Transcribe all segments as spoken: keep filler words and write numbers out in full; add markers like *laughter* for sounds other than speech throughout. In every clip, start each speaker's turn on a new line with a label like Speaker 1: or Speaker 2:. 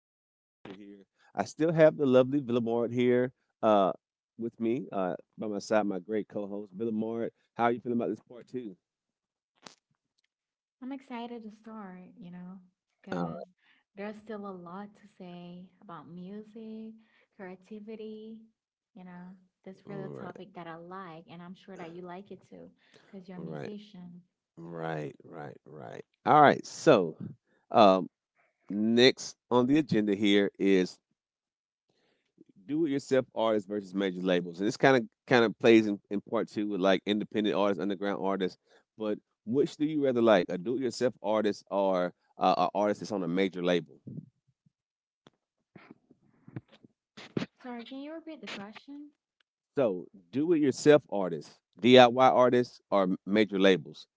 Speaker 1: music culture here. I still have the lovely Villamard here uh, with me uh, by my side, my great co-host Villamard. How are you feeling about this part two?
Speaker 2: I'm excited to start, you know, because
Speaker 1: All
Speaker 2: there's still a lot to say about music, creativity, you know. That's really a
Speaker 1: right,
Speaker 2: topic that I like, and I'm sure that you like it too, because you're a
Speaker 1: all right,
Speaker 2: musician.
Speaker 1: all right, right, right, right. All right. So, um, Next on the agenda here is do-it-yourself artists versus major labels, and this kind of kind of plays in, in part two with like independent artists, underground artists. But which do you rather like, a do-it-yourself artist or uh, an artist that's on a major label?
Speaker 2: Sorry, can you repeat the question?
Speaker 1: So, do-it-yourself artists, D I Y artists, or major labels?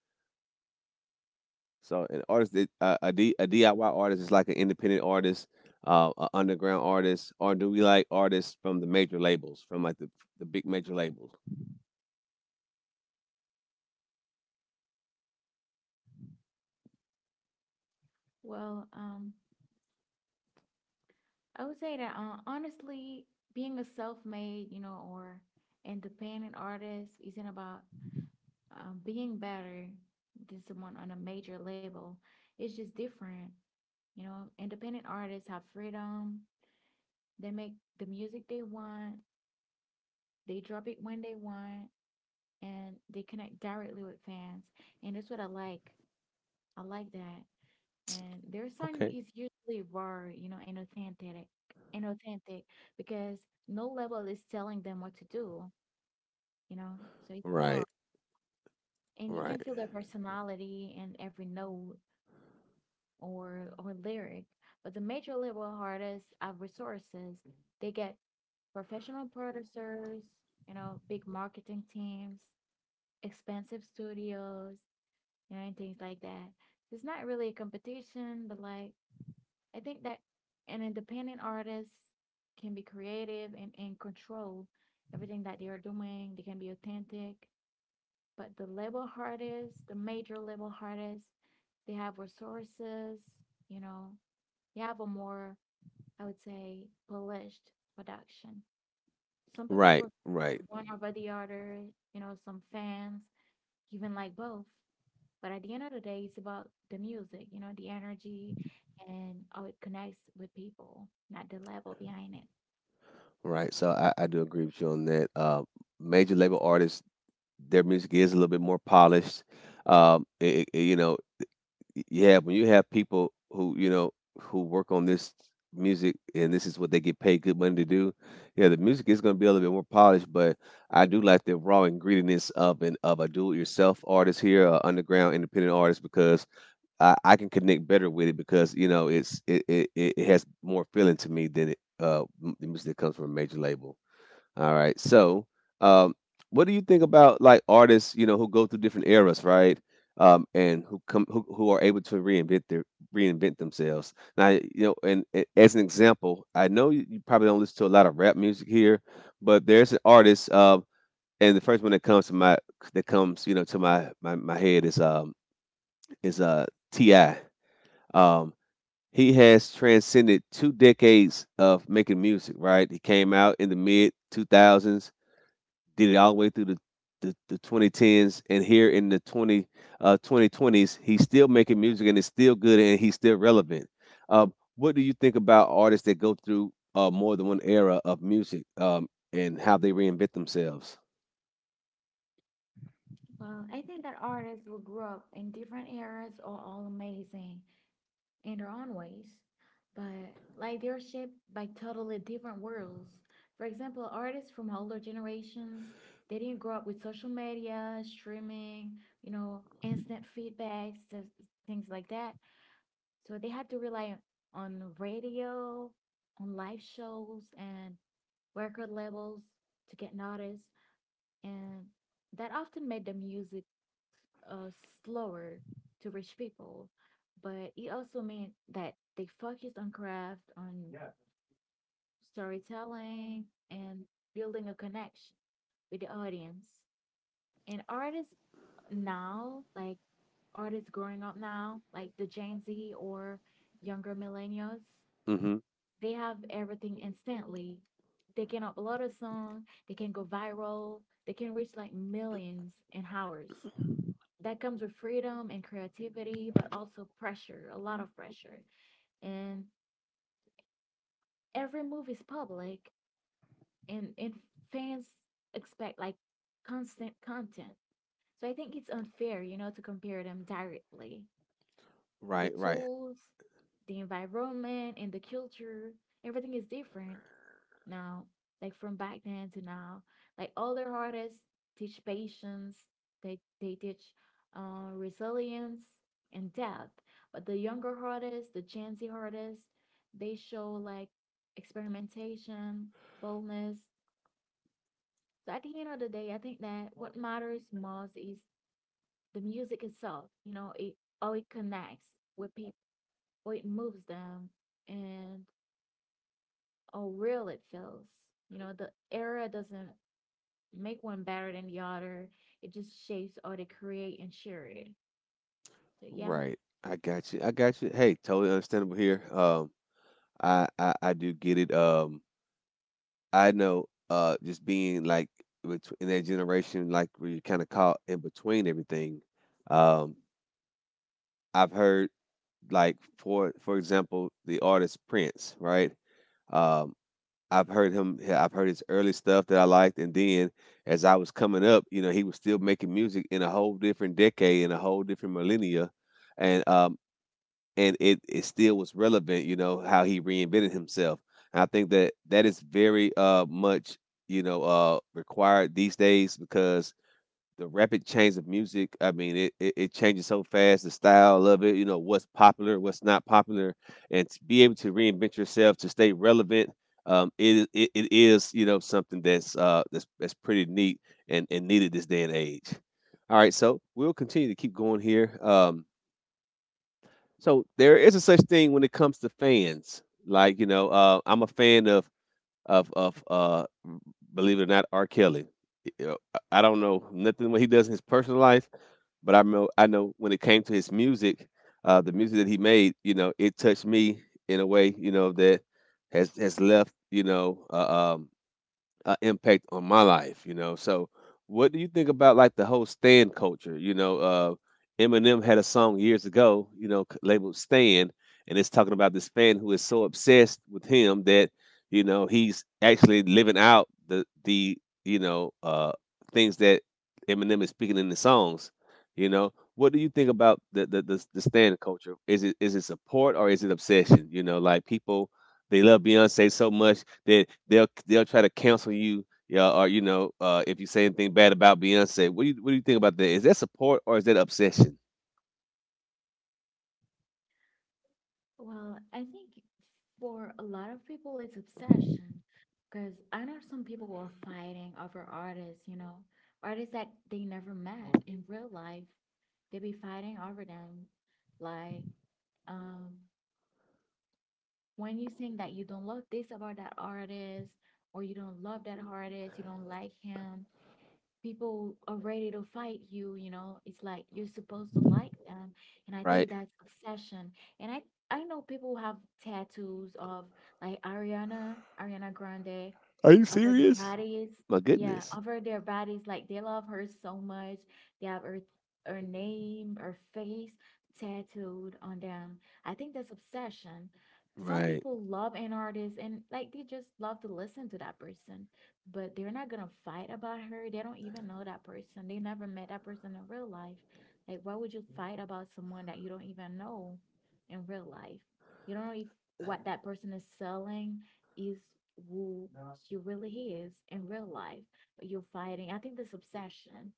Speaker 1: So an artist, that- uh, a, D, a D I Y artist is like an independent artist, uh, an underground artist, or do we like artists from the major labels, from like the the big major labels?
Speaker 2: Well, um, I would say that uh, honestly, being a self-made, you know, or independent artist isn't about uh, being better than someone on a major label. It's just different. You know, independent artists have freedom. They make the music they want, they drop it when they want, and they connect directly with fans. And that's what I like. I like that. And their sound
Speaker 1: Okay.
Speaker 2: is usually raw, you know, and authentic and authentic because no label is telling them what to do, you know. So it's raw.
Speaker 1: Right.
Speaker 2: And you
Speaker 1: Right.
Speaker 2: can feel their personality in every note or or lyric. But the major label artists have resources. They get professional producers, you know, big marketing teams, expensive studios, you know, and things like that. It's not really a competition, but like I think that an independent artist can be creative and, and control everything that they are doing. They can be authentic. But the label artists, the major label artists, they have resources, you know, you have a more, I would say, polished production. Some people
Speaker 1: Right.
Speaker 2: prefer
Speaker 1: Right.
Speaker 2: one over the other, you know, some fans even like both. But at the end of the day, it's about the music, you know, the energy and how it connects with people, not the level behind it.
Speaker 1: Right. So I, I do agree with you on that. Uh, major label artists, their music is a little bit more polished. Um, it, it- you know, Yeah, when you have people who, you know, who work on this music, and this is what they get paid good money to do, yeah, the music is going to be a little bit more polished, but I do like the raw ingredients of an of a do-it-yourself artist here, a underground independent artist, because I, I can connect better with it because, you know, it's it, it, it it has more feeling to me than it, uh, m- the music that comes from a major label. All right. So, um, what do you think about like artists, you know, who go through different eras, right? Um, and who come who, who are able to reinvent their reinvent themselves. Now, you know, and, a- as an example, I know you, you probably don't listen to a lot of rap music here, but there's an artist, um, and the first one that comes to my that comes, you know, to my my, my head is um is uh T I. Um, he has transcended two decades of making music, right? He came out in the mid two thousands, did it all the way through the the, the twenty tens, and here in the twenty uh, twenty twenties he's still making music, and it's still good, and he's still relevant. Um, what do you think about artists that go through uh, more than one era of music, um, and how they reinvent themselves?
Speaker 2: Well, I think that artists who grew up in different eras are all amazing in their own ways, but like they're shaped by totally different worlds. For example, artists from older generations, they didn't grow up with social media, streaming, you know, instant feedbacks, so- things like that. So they had to rely on radio, on live shows, and record labels to get noticed, and that often made the music uh, slower to reach people. But it also meant that they focused on craft, on storytelling, and building a connection with the audience. And artists now, like artists growing up now, like the Gen Z or younger millennials,
Speaker 1: Hmm.
Speaker 2: they have everything instantly. They can upload a song, they can go viral, they can reach like millions in hours. That comes with freedom and creativity, but also pressure, a lot of pressure. And every move is public, and, and fans expect like constant content. So I think it's unfair, you know, to compare them directly. The
Speaker 1: Right, right.
Speaker 2: tools, the environment, and the culture, everything is different now, like from back then to now. Like older artists teach patience, they they teach uh, resilience and depth. But the younger artists, the Gen Z artists, they show like experimentation, boldness. So at the end of the day, I think that what matters most is the music itself. You know, it how it connects with people, how it moves them, and how real it feels. You know, the era doesn't make one better than the other. It just shapes how they create and share it. So yeah.
Speaker 1: Right, i got you i got you Hey, totally understandable here. Um, I, I i do get it. Um, I know uh, Just being like betw- in that generation, like where you're kind of caught in between everything, um, I've heard, like for for example, the artist Prince, right? Um, I've heard him. I've heard his early stuff that I liked, and then as I was coming up, you know, he was still making music in a whole different decade, in a whole different millennia, and um, and it it still was relevant. You know how he reinvented himself. And I think that that is very uh much, you know, uh required these days because the rapid change of music. I mean, it, it, it changes so fast, the style of it, you know, what's popular, what's not popular, and to be able to reinvent yourself to stay relevant. Um, it, it it is, you know, something that's uh that's that's pretty neat and, and needed this day and age. All right, so we'll continue to keep going here. Um, so there is a such thing when it comes to fans. Like you know, uh, I'm a fan of of of uh believe it or not R. Kelly. You know, I- I don't know nothing what he does in his personal life, but I know I know when it came to his music, uh, the music that he made, you know, it touched me in a way, you know, that has has left, you know, uh, um, uh, impact on my life, you know. So, what do you think about like the whole stand culture? You know, uh, Eminem had a song years ago, you know, c- labeled "Stand," and it's talking about this fan who is so obsessed with him that you know he's actually living out the the you know uh, things that Eminem is speaking in the songs. You know, what do you think about the the, the the stand culture? Is it is it support or is it obsession? You know, like people, they love Beyonce so much that they'll they'll try to cancel you, yeah, or you know, uh, if you say anything bad about Beyonce. What do you what do you think about that? Is that support or is that obsession?
Speaker 2: Well, I think for a lot of people it's obsession because I know some people who are fighting over artists, you know, artists that they never met in real life. They be fighting over them. Like, um, when you think that you don't love this about that artist or you don't love that artist, you don't like him, people are ready to fight you. You know, it's like you're supposed to like them, and I
Speaker 1: Right?
Speaker 2: think that's obsession. And i i know people who have tattoos of like ariana ariana Grande
Speaker 1: Are you
Speaker 2: over their
Speaker 1: serious?
Speaker 2: bodies.
Speaker 1: My
Speaker 2: Yeah,
Speaker 1: goodness.
Speaker 2: over their bodies. Like they love her so much. They have her her name, her face tattooed on them. I think that's obsession. Some
Speaker 1: Right.
Speaker 2: people love an artist and like they just love to listen to that person, but they're not gonna fight about her. They don't even know that person. They never met that person in real life. Like, why would you fight about someone that you don't even know in real life? You don't know if what that person is selling is who she really is in real life, but you're fighting. I think this obsession.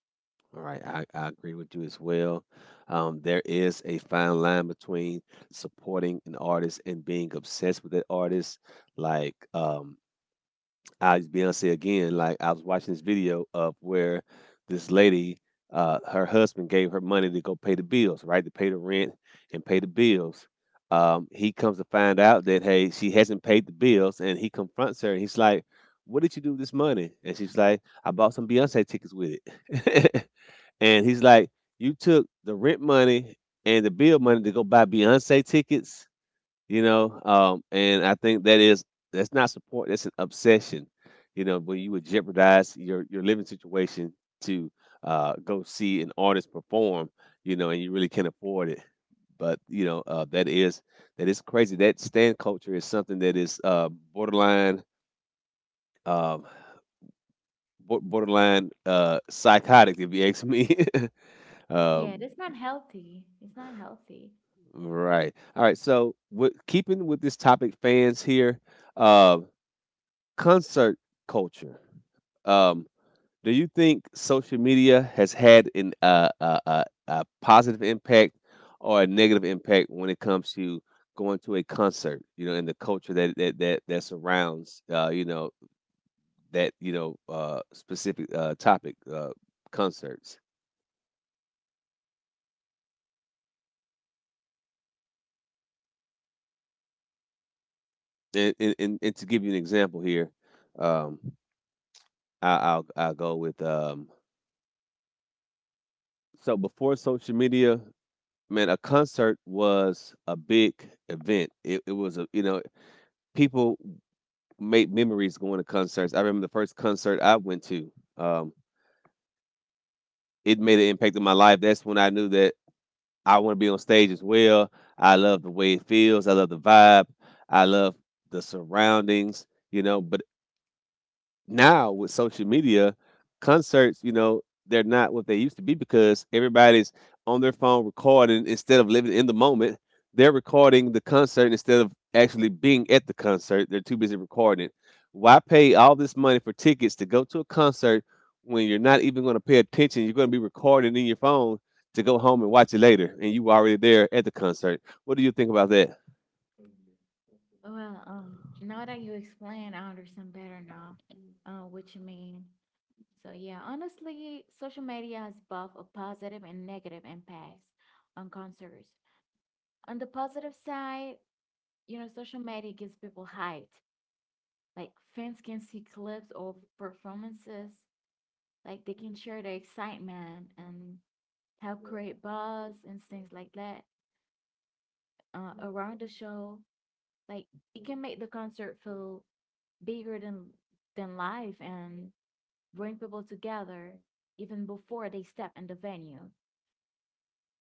Speaker 1: All right. I, I agree with you as well. Um, there is a fine line between supporting an artist and being obsessed with that artist. Like, um, I Beyonce again. Like I was watching this video of where this lady, uh, her husband gave her money to go pay the bills, right? To pay the rent and pay the bills. Um, he comes to find out that hey, she hasn't paid the bills, and he confronts her, and he's like, "What did you do with this money?" And she's like, "I bought some Beyonce tickets with it." *laughs* And he's like, "You took the rent money and the bill money to go buy Beyonce tickets," you know. Um, and I think that is, that's not support. That's an obsession, you know. When you would jeopardize your your living situation to, uh, go see an artist perform, you know, and you really can't afford it. But you know uh, that is, that is crazy. That stand culture is something that is uh, borderline. Um, bor- Borderline uh psychotic if you ask me. *laughs*
Speaker 2: Yeah,
Speaker 1: um
Speaker 2: that's not healthy. It's not healthy.
Speaker 1: right. All right, so with keeping with this topic, fans here, um, concert culture. Um, do you think social media has had an uh, uh, uh, a positive impact or a negative impact when it comes to going to a concert? You know, and the culture that that that, that surrounds, uh, you know, that you know uh, specific, uh, topic, uh, concerts. And, and and and to give you an example here, um, I, I'll I'll go with um, so before social media, man, a concert was a big event. It it was a, you know, people made memories going to concerts. I remember the first concert I went to. Um, it made an impact in my life. That's when I knew that I want to be on stage as well. I love the way it feels. I love the vibe. I love the surroundings, you know, but now with social media, concerts, you know, they're not what they used to be because everybody's on their phone recording instead of living in the moment. They're recording the concert instead of actually being at the concert. They're too busy recording it. Why pay all this money for tickets to go to a concert when you're not even going to pay attention? You're going to be recording in your phone to go home and watch it later, and you were already there at the concert. What do you think about that?
Speaker 2: Well, um, now that you explain, I understand better now, uh, what you mean. So yeah, honestly, social media has both a positive and negative impacts on concerts. On the positive side, you know, social media gives people hype. Like fans can see clips of performances, like they can share their excitement and help, yeah, create buzz and things like that uh, around the show. Like it can make the concert feel bigger than than life and bring people together even before they step in the venue.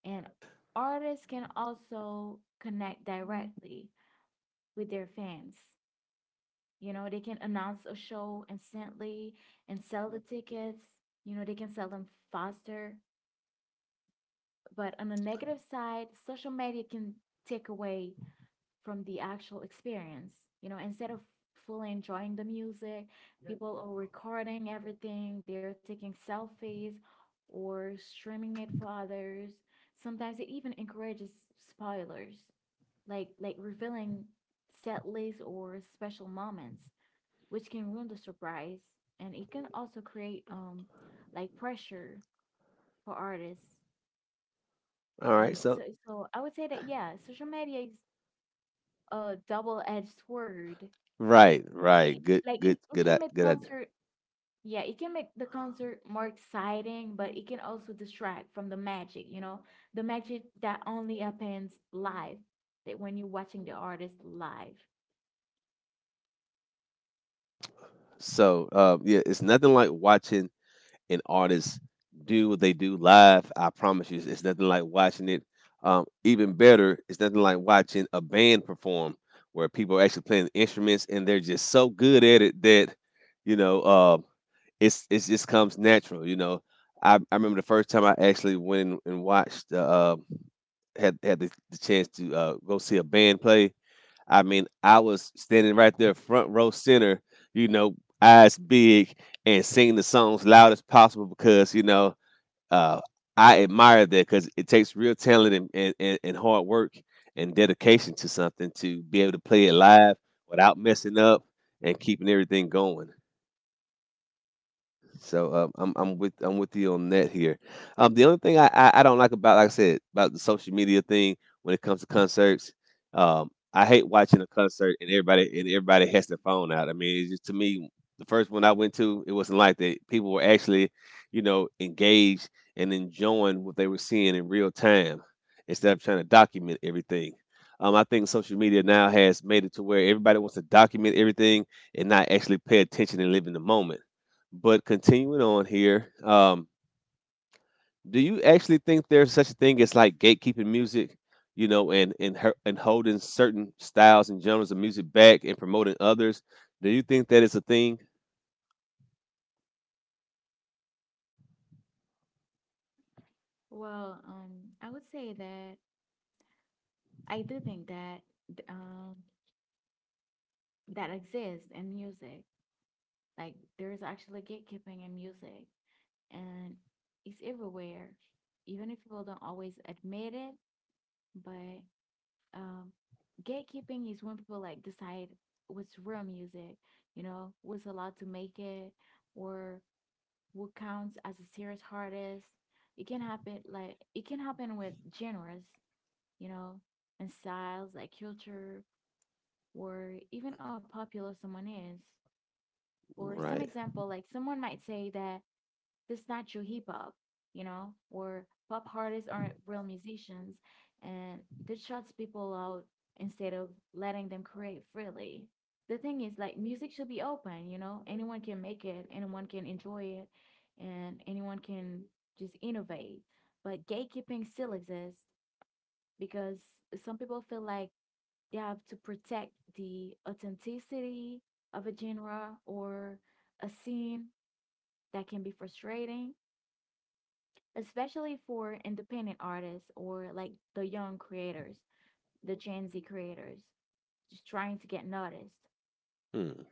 Speaker 2: And artists can also connect directly with their fans. You know, they can announce a show instantly and sell the tickets. You know, they can sell them faster. But on the negative side, social media can take away from the actual experience. You know, instead of fully enjoying the music, people are recording everything, they're taking selfies or streaming it for others. Sometimes it even encourages spoilers, like like revealing set lists or special moments, which can ruin the surprise. And it can also create um like pressure for artists.
Speaker 1: All
Speaker 2: And
Speaker 1: right, so
Speaker 2: so so I would say that yeah, social media is a double-edged sword.
Speaker 1: right, right,
Speaker 2: like
Speaker 1: good,
Speaker 2: like it,
Speaker 1: good,
Speaker 2: it
Speaker 1: good, i-
Speaker 2: can make
Speaker 1: good idea.
Speaker 2: concert, yeah, it can make the concert more exciting, but it can also distract from the magic, you know, the magic that only happens live, that when you're watching the artist live.
Speaker 1: So uh, yeah, it's nothing like watching an artist do what they do live. I promise you, it's nothing like watching it. Um, even better, it's nothing like watching a band perform where people are actually playing instruments and they're just so good at it that you know uh, it's it just comes natural. You know, I, I remember the first time I actually went and, and watched uh, um, had had the, the chance to, uh, go see a band play. I mean, I was standing right there, front row center, you know, eyes big, and singing the songs loud as possible because you know, uh, I admire that because it takes real talent and, and, and, and hard work and dedication to something to be able to play it live without messing up and keeping everything going. So um, I'm I'm with I'm with you on that here. Um, the only thing I, I, I don't like about, like I said, about the social media thing when it comes to concerts, um, I hate watching a concert and everybody and everybody has their phone out. I mean, it's just to me the first one I went to, it wasn't like that. People were actually, you know, engaged and enjoying what they were seeing in real time instead of trying to document everything. Um, I think social media now has made it to where everybody wants to document everything and not actually pay attention and live in the moment, but continuing on here, um, do you actually think there's such a thing as like gatekeeping music, you know, and and her, and holding certain styles and genres of music back and promoting others? Do you think that is a thing?
Speaker 2: Well, um, I would say that I do think that th- um that exists in music. Like there's actually gatekeeping in music, and it's everywhere, even if people don't always admit it. But um, gatekeeping is when people like decide what's real music, you know, what's allowed to make it, or what counts as a serious artist. It can happen like it can happen with genres, you know, and styles like culture or even how popular someone is. Or some
Speaker 1: Right.
Speaker 2: example, like someone might say that that's not your hip hop, you know, where pop artists aren't real musicians and that shuts people out instead of letting them create freely. The thing is, like, music should be open, you know, anyone can make it, anyone can enjoy it, and anyone can just innovate. But gatekeeping still exists because some people feel like they have to protect the authenticity of a genre or a scene that can be frustrating, especially for independent artists or like the young creators, the Gen Z creators, just trying to get noticed.
Speaker 1: Hmm.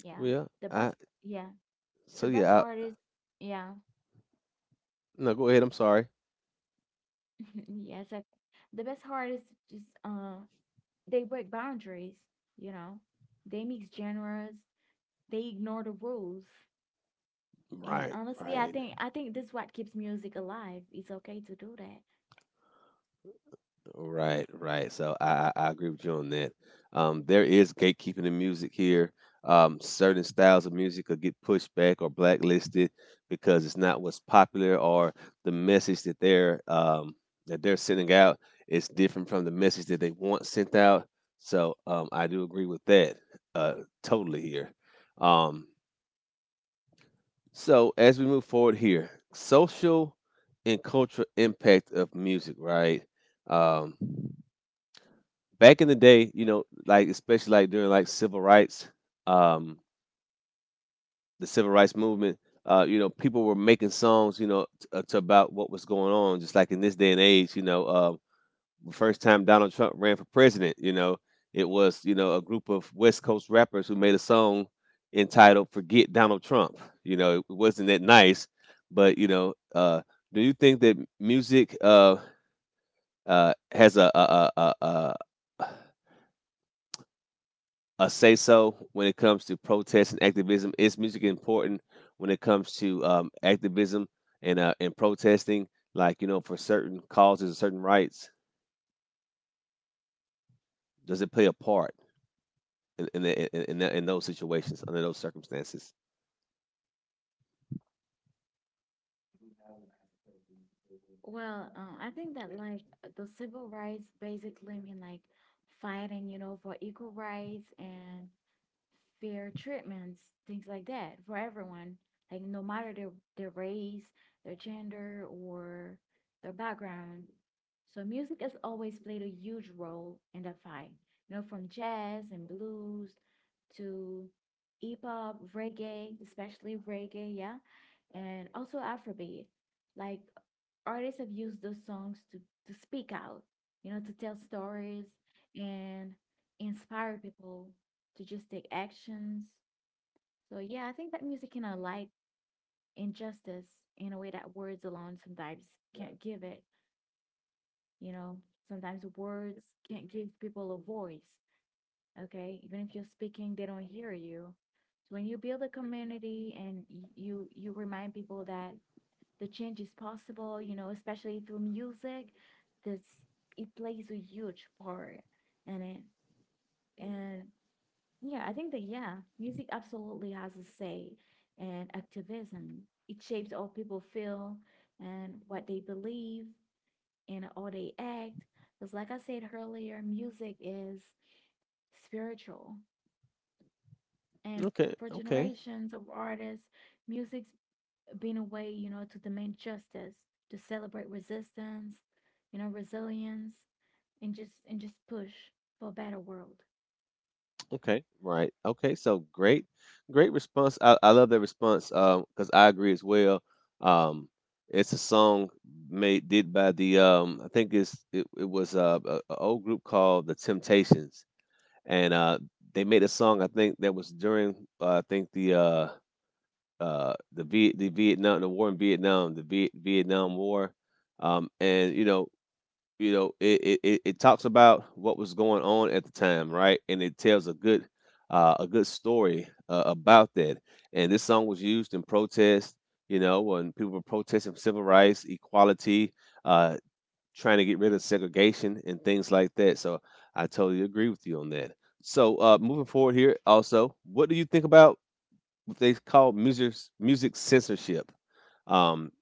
Speaker 2: Yeah.
Speaker 1: Well,
Speaker 2: The
Speaker 1: I
Speaker 2: best, yeah.
Speaker 1: so
Speaker 2: The best
Speaker 1: yeah. I,
Speaker 2: artists, yeah.
Speaker 1: no, go ahead. I'm sorry.
Speaker 2: *laughs* Yes. I, the best artists just, uh, they break boundaries, you know, they mix genres, they ignore the rules. And
Speaker 1: Right.
Speaker 2: honestly, I
Speaker 1: Right.
Speaker 2: think I think this is what keeps music alive. It's okay to do that.
Speaker 1: Right, right. So I, I, I agree with you on that. Um, there is gatekeeping in music here. Um, certain styles of music could get pushed back or blacklisted because it's not what's popular, or the message that they're um, that they're sending out is different from the message that they want sent out. So um, I do agree with that uh, totally here. Um, so as we move forward here, social and cultural impact of music, right? Um, Back in the day, you know, like especially like during like civil rights, um, the civil rights movement, uh, you know, people were making songs, you know, t- uh, to about what was going on. Just like in this day and age, you know, uh, the first time Donald Trump ran for president, you know, it was, you know, a group of West Coast rappers who made a song entitled "Forget Donald Trump." You know, it wasn't that nice, but you know, uh, do you think that music uh, uh, has a, a, a, a, a a say so when it comes to protest and activism? Is music important when it comes to um, activism and uh, and protesting? Like, you know, for certain causes and certain rights, does it play a part in in, in, in, in those situations under those circumstances?
Speaker 2: Well, uh, I think that like the civil rights basically mean like fighting, you know, for equal rights and fair treatments, things like that for everyone, like no matter their, their race, their gender, or their background. So music has always played a huge role in that fight. You know, from jazz and blues to hip hop, reggae, especially reggae, yeah, and also Afrobeat. Like artists have used those songs to to speak out, you know, to tell stories and inspire people to just take actions. So yeah, I think that music can highlight injustice in a way that words alone sometimes can't give it. You know, sometimes words can't give people a voice. Okay, even if you're speaking, they don't hear you. So when you build a community and y- you you remind people that the change is possible, you know, especially through music, this it plays a huge part in it. And yeah, I think that, yeah, music absolutely has a say and activism. It shapes how people feel and what they believe and how they act. Because, like I said earlier, music is spiritual. And
Speaker 1: Okay,
Speaker 2: for
Speaker 1: okay.
Speaker 2: generations of artists, music's been a way, you know, to demand justice, to celebrate resistance, you know, resilience, and just and just push for a better world.
Speaker 1: Okay, right. Okay, so great, great response. I, I love that response. Um, because I agree as well. Um, it's a song made did by the um, I think it's it, it was uh, a, a old group called the Temptations, and uh, they made a song I think that was during uh, I think the uh, uh, the Viet the Vietnam the war in Vietnam the Viet, Vietnam War, um, and you know, you know it, it it it talks about what was going on at the time, right? And it tells a good uh, a good story uh, about that. And this song was used in protest, you know, when people were protesting civil rights, equality, uh, trying to get rid of segregation and things like that. So I totally agree with you on that. So uh, moving forward here also, what do you think about what they call music music censorship? um,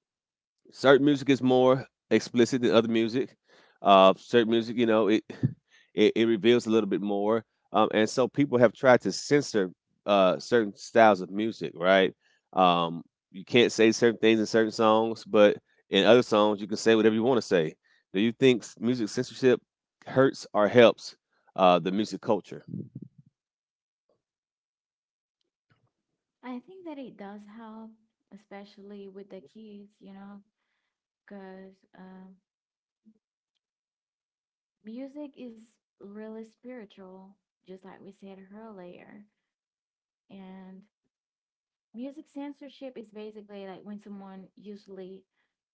Speaker 1: Certain music is more explicit than other music. Uh, certain music, you know, it *sighs* it, it reveals a little bit more, um, and so people have tried to censor uh, certain styles of music. Right? Um, you can't say certain things in certain songs, but in other songs, you can say whatever you want to say. Do you think s- music censorship hurts or helps uh, the music culture?
Speaker 2: I think that it does help, especially with the kids, you know, because um, music is really spiritual, just like we said earlier. And music censorship is basically like when someone usually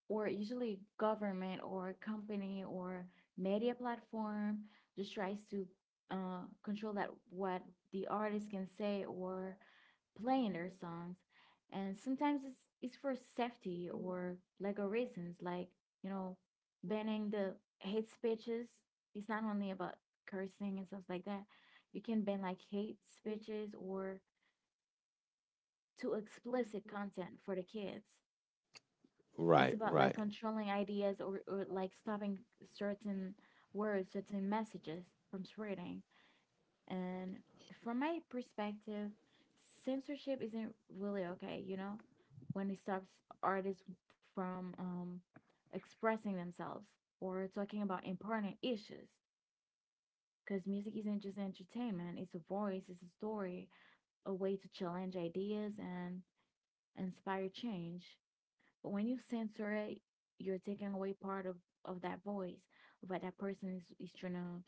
Speaker 2: or usually government or company or media platform just tries to uh, control that what the artist can say or play in their songs, and sometimes it's, it's for safety or legal reasons, like you know banning the hate speeches. It's not only about cursing and stuff like that. You can ban like hate speeches or too explicit content for the kids. It's
Speaker 1: Right,
Speaker 2: about like
Speaker 1: right,
Speaker 2: controlling ideas, or, or like stopping certain words, certain messages from spreading. And from my perspective, censorship isn't really okay, you know, when it stops artists from um, expressing themselves or talking about important issues. Because music isn't just entertainment, it's a voice, it's a story, a way to challenge ideas and inspire change. But when you censor it, you're taking away part of, of that voice that that person is, is trying to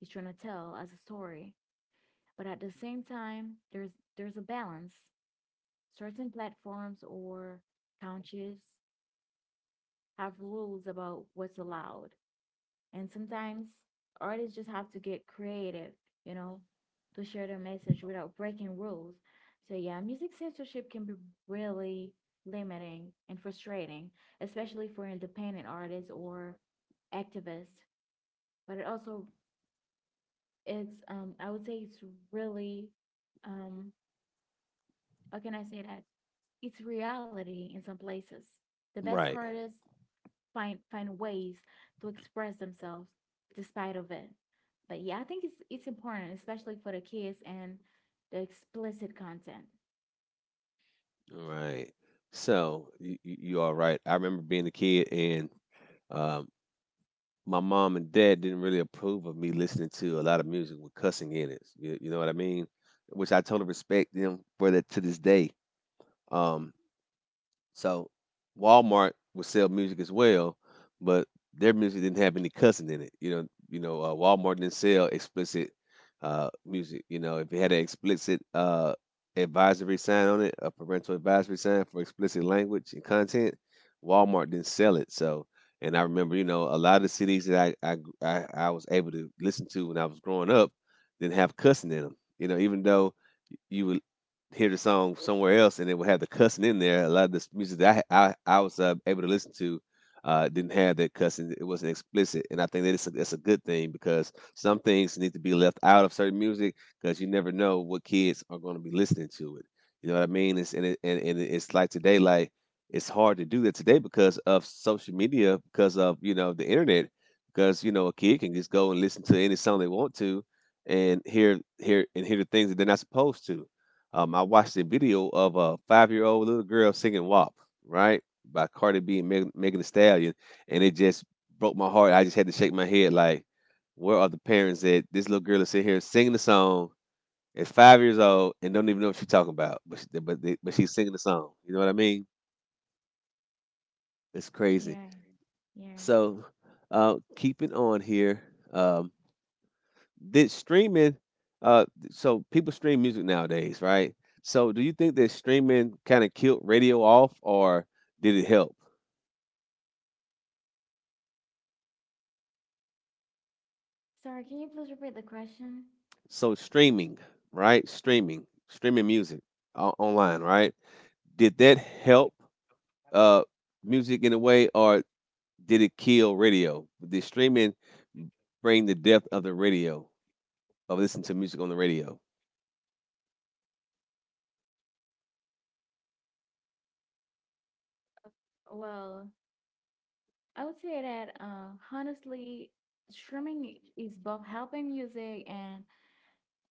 Speaker 2: is trying to tell as a story. But at the same time, there's there's a balance. Certain platforms or countries have rules about what's allowed. And sometimes artists just have to get creative, you know, to share their message without breaking rules. So, yeah, music censorship can be really limiting and frustrating, especially for independent artists or activists. But it also, it's, um, I would say it's really, um, how can I say that? It's reality in some places. The best
Speaker 1: right,
Speaker 2: artists find find ways to express themselves despite of it. But yeah, I think it's it's important, especially for the kids and the explicit content.
Speaker 1: right. So you, you you are right. I remember being a kid, and um, my mom and dad didn't really approve of me listening to a lot of music with cussing in it. You, you know what I mean? Which I totally respect them for, that to this day. Um, So Walmart would sell music as well, but their music didn't have any cussing in it. You know, you know, uh, Walmart didn't sell explicit uh, music. You know, if it had an explicit uh, advisory sign on it, a parental advisory sign for explicit language and content, Walmart didn't sell it. So, and I remember, you know, a lot of the C Ds that I I I, I was able to listen to when I was growing up didn't have cussing in them. You know, even though you would hear the song somewhere else and it would have the cussing in there. A lot of this music that I I, I was uh, able to listen to uh, didn't have that cussing. It wasn't explicit, and I think that it's a, that's a good thing because some things need to be left out of certain music because you never know what kids are going to be listening to it. You know what I mean? It's and it, and, and it's like today, like it's hard to do that today because of social media, because of, you know, the internet, because, you know, a kid can just go and listen to any song they want to, and hear hear and hear the things that they're not supposed to. um, I watched a video of a five year old little girl singing W A P, right? By Cardi B and Meg- Megan Thee Stallion. And it just broke my heart. I just had to shake my head like, where are the parents that this little girl is sitting here singing the song at five years old and don't even know what she's talking about? But, she, but, they, but she's singing the song. You know what I mean? It's crazy.
Speaker 2: Yeah, yeah.
Speaker 1: So, uh, keeping on here, um, did streaming uh so people stream music nowadays, right? So do you think that streaming kind of killed radio off, or did it help?
Speaker 2: Sorry, can you please repeat the question?
Speaker 1: So streaming, right? Streaming streaming music, o- online, right? Did that help uh music in a way, or did it kill radio? Did streaming bring the death of the radio, of listening to music on the radio?
Speaker 2: Well, I would say that uh, honestly, streaming is both helping music and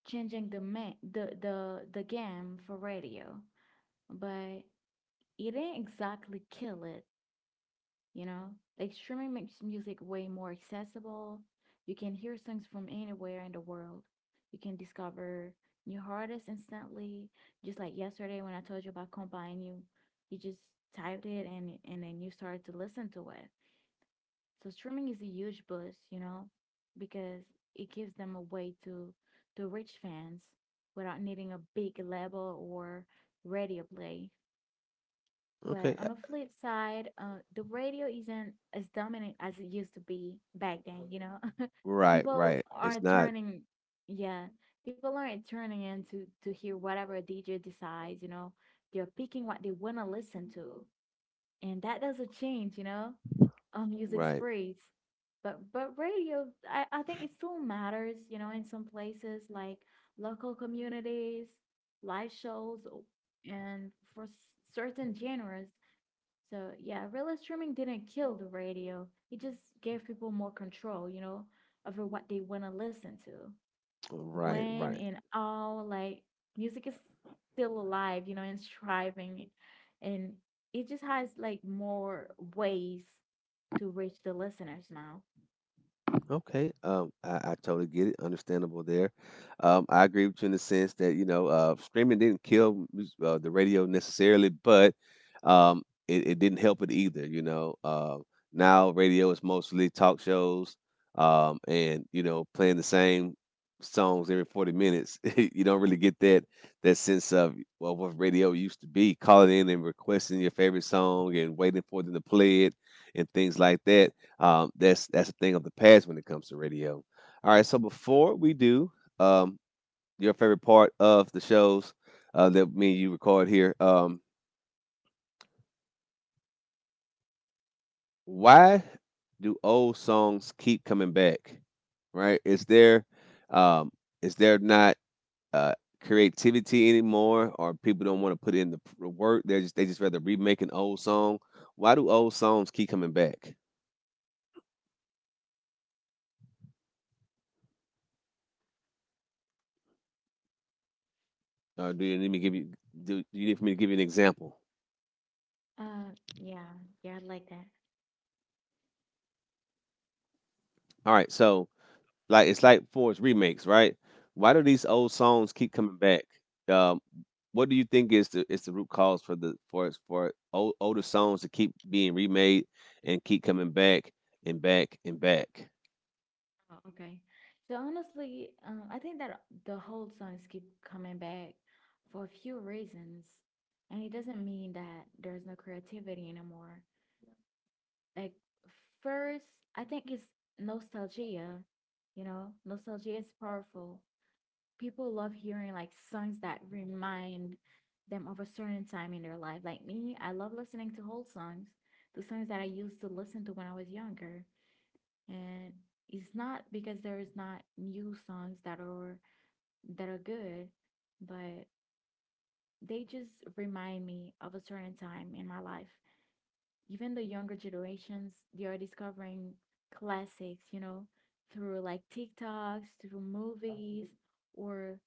Speaker 2: changing the ma- the the the game for radio, but it didn't exactly kill it. You know? Like streaming makes music way more accessible. You can hear songs from anywhere in the world. You can discover new artists instantly. Just like yesterday when I told you about Combine, you you just typed it and and then you started to listen to it. So streaming is a huge boost, you know, because it gives them a way to to reach fans without needing a big label or radio play. But
Speaker 1: Okay.
Speaker 2: on
Speaker 1: uh,
Speaker 2: the flip side, uh, the radio isn't as dominant as it used to be back then, you know? *laughs*
Speaker 1: Right,
Speaker 2: People
Speaker 1: right. It's
Speaker 2: aren't
Speaker 1: not
Speaker 2: turning, yeah, people aren't turning in to, to hear whatever a D J decides, you know? They're picking what they want to listen to. And that doesn't change, you know, on music
Speaker 1: right.
Speaker 2: spreads. But but radio, I, I think it still matters, you know, in some places like local communities, live shows, and for s- certain genres. So yeah, real streaming didn't kill the radio. It just gave people more control, you know, over what they want to listen to.
Speaker 1: Right,
Speaker 2: When
Speaker 1: right.
Speaker 2: and all like music is still alive, you know, and striving and it just has like more ways to reach the listeners now.
Speaker 1: Okay, um, I, I totally get it. Understandable there. Um, I agree with you in the sense that, you know, uh, streaming didn't kill mus- uh, the radio necessarily, but um, it, it didn't help it either. You know, uh, now radio is mostly talk shows, um, and, you know, playing the same songs every forty minutes. *laughs* You don't really get that that sense of, well, what radio used to be, calling in and requesting your favorite song and waiting for them to play it and things like that. um, that's that's a thing of the past when it comes to radio. All right, so before we do, um, your favorite part of the shows uh, that me and you record here. Um, why do old songs keep coming back? Right? Is there um, is there not uh, creativity anymore, or people don't want to put in the p- work? They just they just rather remake an old song. Why do old songs keep coming back? Uh, do you need me to give you, do, do you need for me to give you an example?
Speaker 2: Uh yeah, yeah, I like that.
Speaker 1: All right, so, like, it's like Force remakes, right? Why do these old songs keep coming back? Um, what do you think is the is the root cause for the for for old, older songs to keep being remade and keep coming back and back and back?
Speaker 2: Oh, okay. So honestly, um, I think that the whole songs keep coming back for a few reasons, and it doesn't mean that there's no creativity anymore. Like first, I think it's nostalgia. You know, nostalgia is powerful. People love hearing like songs that remind them of a certain time in their life. Like me, I love listening to whole songs, the songs that I used to listen to when I was younger and it's not because there's not new songs that are that are good but they just remind me of a certain time in my life. Even the younger generations, they are discovering classics, you know, through like tiktoks, through movies, or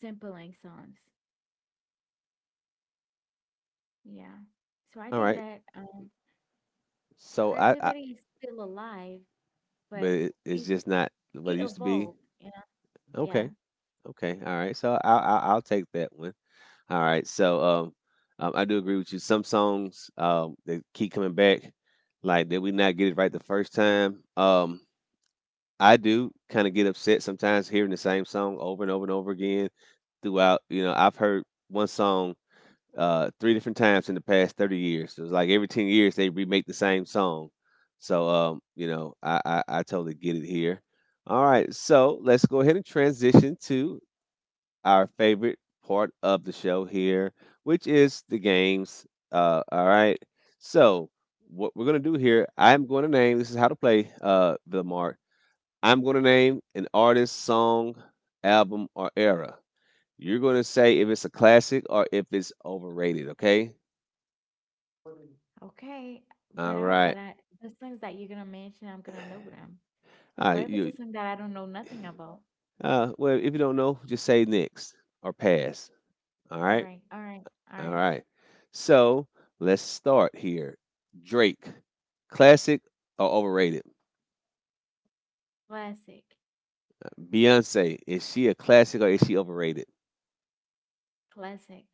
Speaker 2: sampling songs. Yeah, so I
Speaker 1: All
Speaker 2: think
Speaker 1: right,
Speaker 2: that um
Speaker 1: so I, I
Speaker 2: creativity is still alive
Speaker 1: but
Speaker 2: but
Speaker 1: it, it's
Speaker 2: it's
Speaker 1: just not
Speaker 2: it
Speaker 1: what it used to be.
Speaker 2: evolved, you know. Yeah.
Speaker 1: Okay, okay, all right. So I'll I'll, I'll take that one. All right, so um, um, I do agree with you. Some songs, um they keep coming back. Like, did we not get it right the first time? Um, I do kind of get upset sometimes hearing the same song over and over and over again throughout. You know, I've heard one song uh, three different times in the past thirty years. So it's like every ten years they remake the same song. So, um, you know, I, I, I totally get it here. All right. So let's go ahead and transition to our favorite part of the show here, which is the games. Uh, all right. So, what we're going to do here, I'm going to name, this is how to play, uh, Villamar, I'm going to name an artist, song, album, or era. You're going to say if it's a classic or if it's overrated, okay?
Speaker 2: Okay, but
Speaker 1: All
Speaker 2: I hope that
Speaker 1: right.
Speaker 2: I the songs that you're gonna mention, I'm gonna know them.
Speaker 1: All
Speaker 2: But
Speaker 1: right.
Speaker 2: if it's a
Speaker 1: You,
Speaker 2: song that I don't know nothing about,
Speaker 1: uh, well, if you don't know, just say next or pass. All
Speaker 2: all
Speaker 1: right.
Speaker 2: right, all right, all
Speaker 1: All
Speaker 2: right,
Speaker 1: right. So let's start here. Drake, classic or overrated?
Speaker 2: classic,
Speaker 1: Beyonce, is she a classic or is she overrated?
Speaker 2: classic,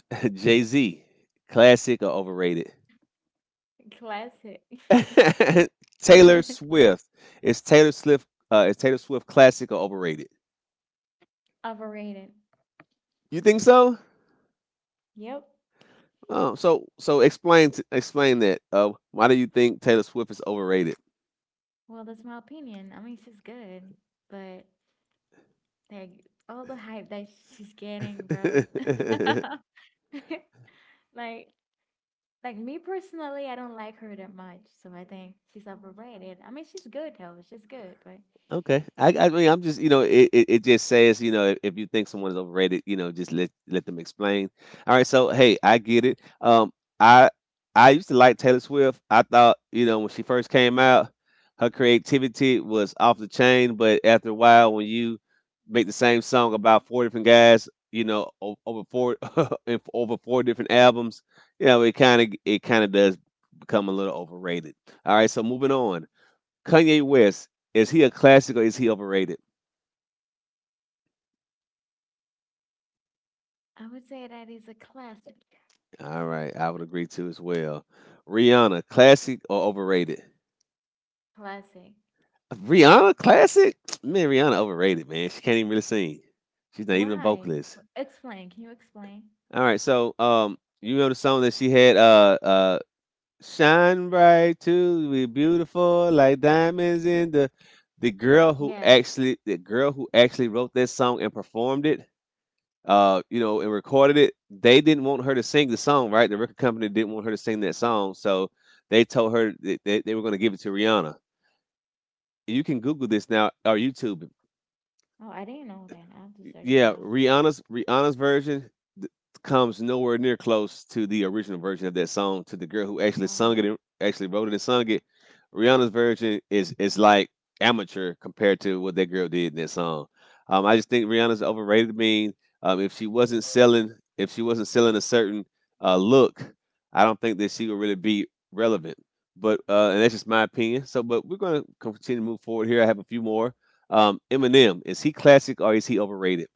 Speaker 1: *laughs* Jay Z, classic or overrated?
Speaker 2: *laughs* classic,
Speaker 1: *laughs* Taylor
Speaker 2: *laughs*
Speaker 1: Swift, is Taylor Swift uh, is Taylor Swift classic or overrated?
Speaker 2: overrated.
Speaker 1: You think so?
Speaker 2: Yep.
Speaker 1: Oh, so so explain, t- explain that. Uh, why do you think Taylor Swift is overrated?
Speaker 2: Well, that's my opinion. I mean, she's good, but like all the hype that she's getting, bro. *laughs*
Speaker 1: *laughs*
Speaker 2: Like, like me personally, I don't like her that much, so I think she's overrated. I mean, she's good though. She's good, but
Speaker 1: Okay, I, I mean, I'm just, you know, it, it, it just says, you know, if, if you think someone is overrated, you know, just let let them explain. All right, so hey, I get it. Um, I I used to like Taylor Swift. I thought, you know, when she first came out, her creativity was off the chain. But after a while, when you make the same song about four different guys, you know, o- over four *laughs* in- over four different albums, you know, it kind of it kind of does become a little overrated. All right, so moving on. Kanye West, is he a classic or is he overrated?
Speaker 2: I would say that is a classic.
Speaker 1: All right, I would agree too as well. Rihanna, classic or overrated?
Speaker 2: Classic.
Speaker 1: Rihanna, classic? *tsk* Man, Rihanna overrated, man. She can't even really sing. She's not even a
Speaker 2: Why?
Speaker 1: vocalist.
Speaker 2: W- Explain. Can you explain?
Speaker 1: All right, so um, you know the song that she had, uh, uh, "Shine Bright Too," we beautiful like diamonds in the. The girl who
Speaker 2: Yeah.
Speaker 1: actually, the girl who actually wrote that song and performed it, uh, you know, and recorded it. They didn't want her to sing the song, right? The record company didn't want her to sing that song, so they told her that they, they were going to give it to Rihanna. You can Google this now or YouTube it.
Speaker 2: Oh, I didn't know that. I have to search
Speaker 1: Yeah,
Speaker 2: it up.
Speaker 1: Rihanna's Rihanna's version th- comes nowhere near close to the original version of that song. To the girl who actually sung
Speaker 2: Wow.
Speaker 1: it, and actually wrote it and sung it. Rihanna's version is is like amateur compared to what that girl did in that song. Um, I just think Rihanna's overrated. I mean, um, if she wasn't selling, if she wasn't selling a certain uh, look, I don't think that she would really be relevant. But uh, and that's just my opinion. So, but we're gonna continue to move forward here. I have a few more. Um, Eminem, is he classic or is he overrated?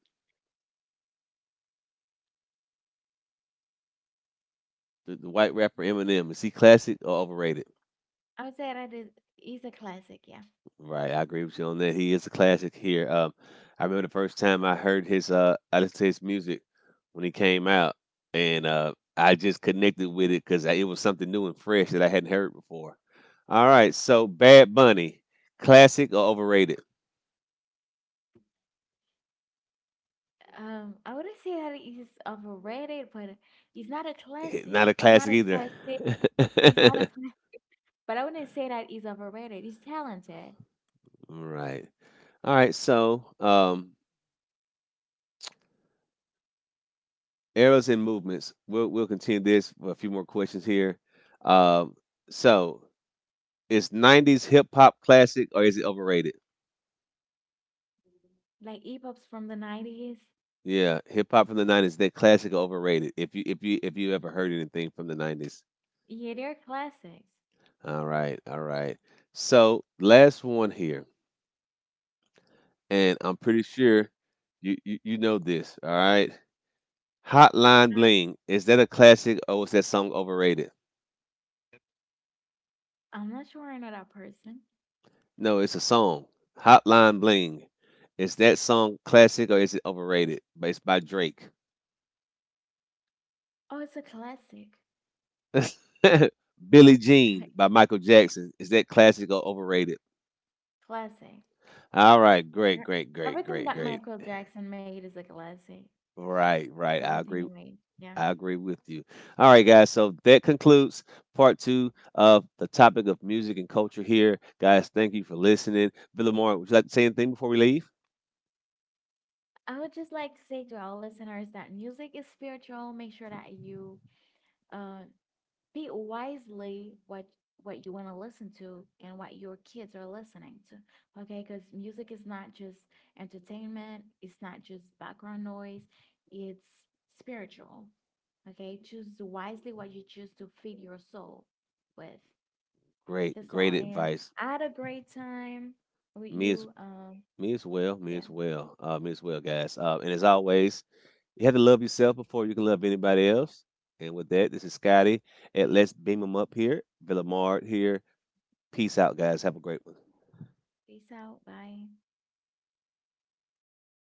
Speaker 1: The, the white rapper Eminem, is he classic or overrated?
Speaker 2: I would say that is is a classic, yeah.
Speaker 1: Right, I agree with you on that. He is a classic here. Um, I remember the first time I heard his uh, I listened to his music when he came out, and uh, I just connected with it because it was something new and fresh that I hadn't heard before. All right, so Bad Bunny, classic or overrated?
Speaker 2: Um, I wouldn't say that it is overrated, but it's not a
Speaker 1: *laughs*
Speaker 2: classic.
Speaker 1: Not a
Speaker 2: It's not
Speaker 1: classic
Speaker 2: a
Speaker 1: either.
Speaker 2: classic. It's not a
Speaker 1: *laughs*
Speaker 2: classic. But I wouldn't say that it's overrated. It's talented.
Speaker 1: Right. All right, so um, eras and movements. We'll we'll continue this with a few more questions here. Um, so is nineties hip hop classic or is it overrated?
Speaker 2: Like hip hops from the nineties.
Speaker 1: Yeah, hip hop from the nineties, that classic or overrated? If you if you if you ever heard anything from the nineties,
Speaker 2: Yeah, they're classics.
Speaker 1: all right, all right. So last one here, and I'm pretty sure you you, you know this. All right, Hotline
Speaker 2: I,
Speaker 1: Bling, is that a classic or was that song overrated?
Speaker 2: I'm not sure I know that person.
Speaker 1: No, it's a song. Hotline Bling. Is that song classic or is it overrated? But it's by Drake.
Speaker 2: Oh, it's a classic.
Speaker 1: *laughs* Billie Jean
Speaker 2: *laughs*
Speaker 1: by Michael Jackson. Is that classic or overrated?
Speaker 2: Classic.
Speaker 1: All right,
Speaker 2: E
Speaker 1: great, great, great,
Speaker 2: everything
Speaker 1: great,
Speaker 2: that
Speaker 1: great.
Speaker 2: Michael Jackson made is a classic.
Speaker 1: Right, right. I
Speaker 2: Everything he
Speaker 1: agree with
Speaker 2: made. Yeah.
Speaker 1: I agree with you. All right, guys. So that concludes part two of the topic of music and culture here. Guys, thank you for listening. Villamore, would you like to say anything before we leave?
Speaker 2: I would just like to say to our listeners that music is spiritual. Make sure that you uh, pick wisely what what you want to listen to and what your kids are listening to. Okay, because music is not just entertainment. It's not just background noise. It's spiritual. Okay, choose wisely what you choose to feed your soul with.
Speaker 1: Great,
Speaker 2: That's all.
Speaker 1: great
Speaker 2: And
Speaker 1: advice.
Speaker 2: I had a great time with
Speaker 1: Me as
Speaker 2: you. Um,
Speaker 1: Me as well. Me
Speaker 2: yeah.
Speaker 1: as well. Uh, me as well, guys. Uh, and as always, you have to love yourself before you can love anybody else. And with that, this is Scotty at Let's Beam 'Em Up here, Villamard here. Peace out, guys. Have a great one.
Speaker 2: Peace out. Bye.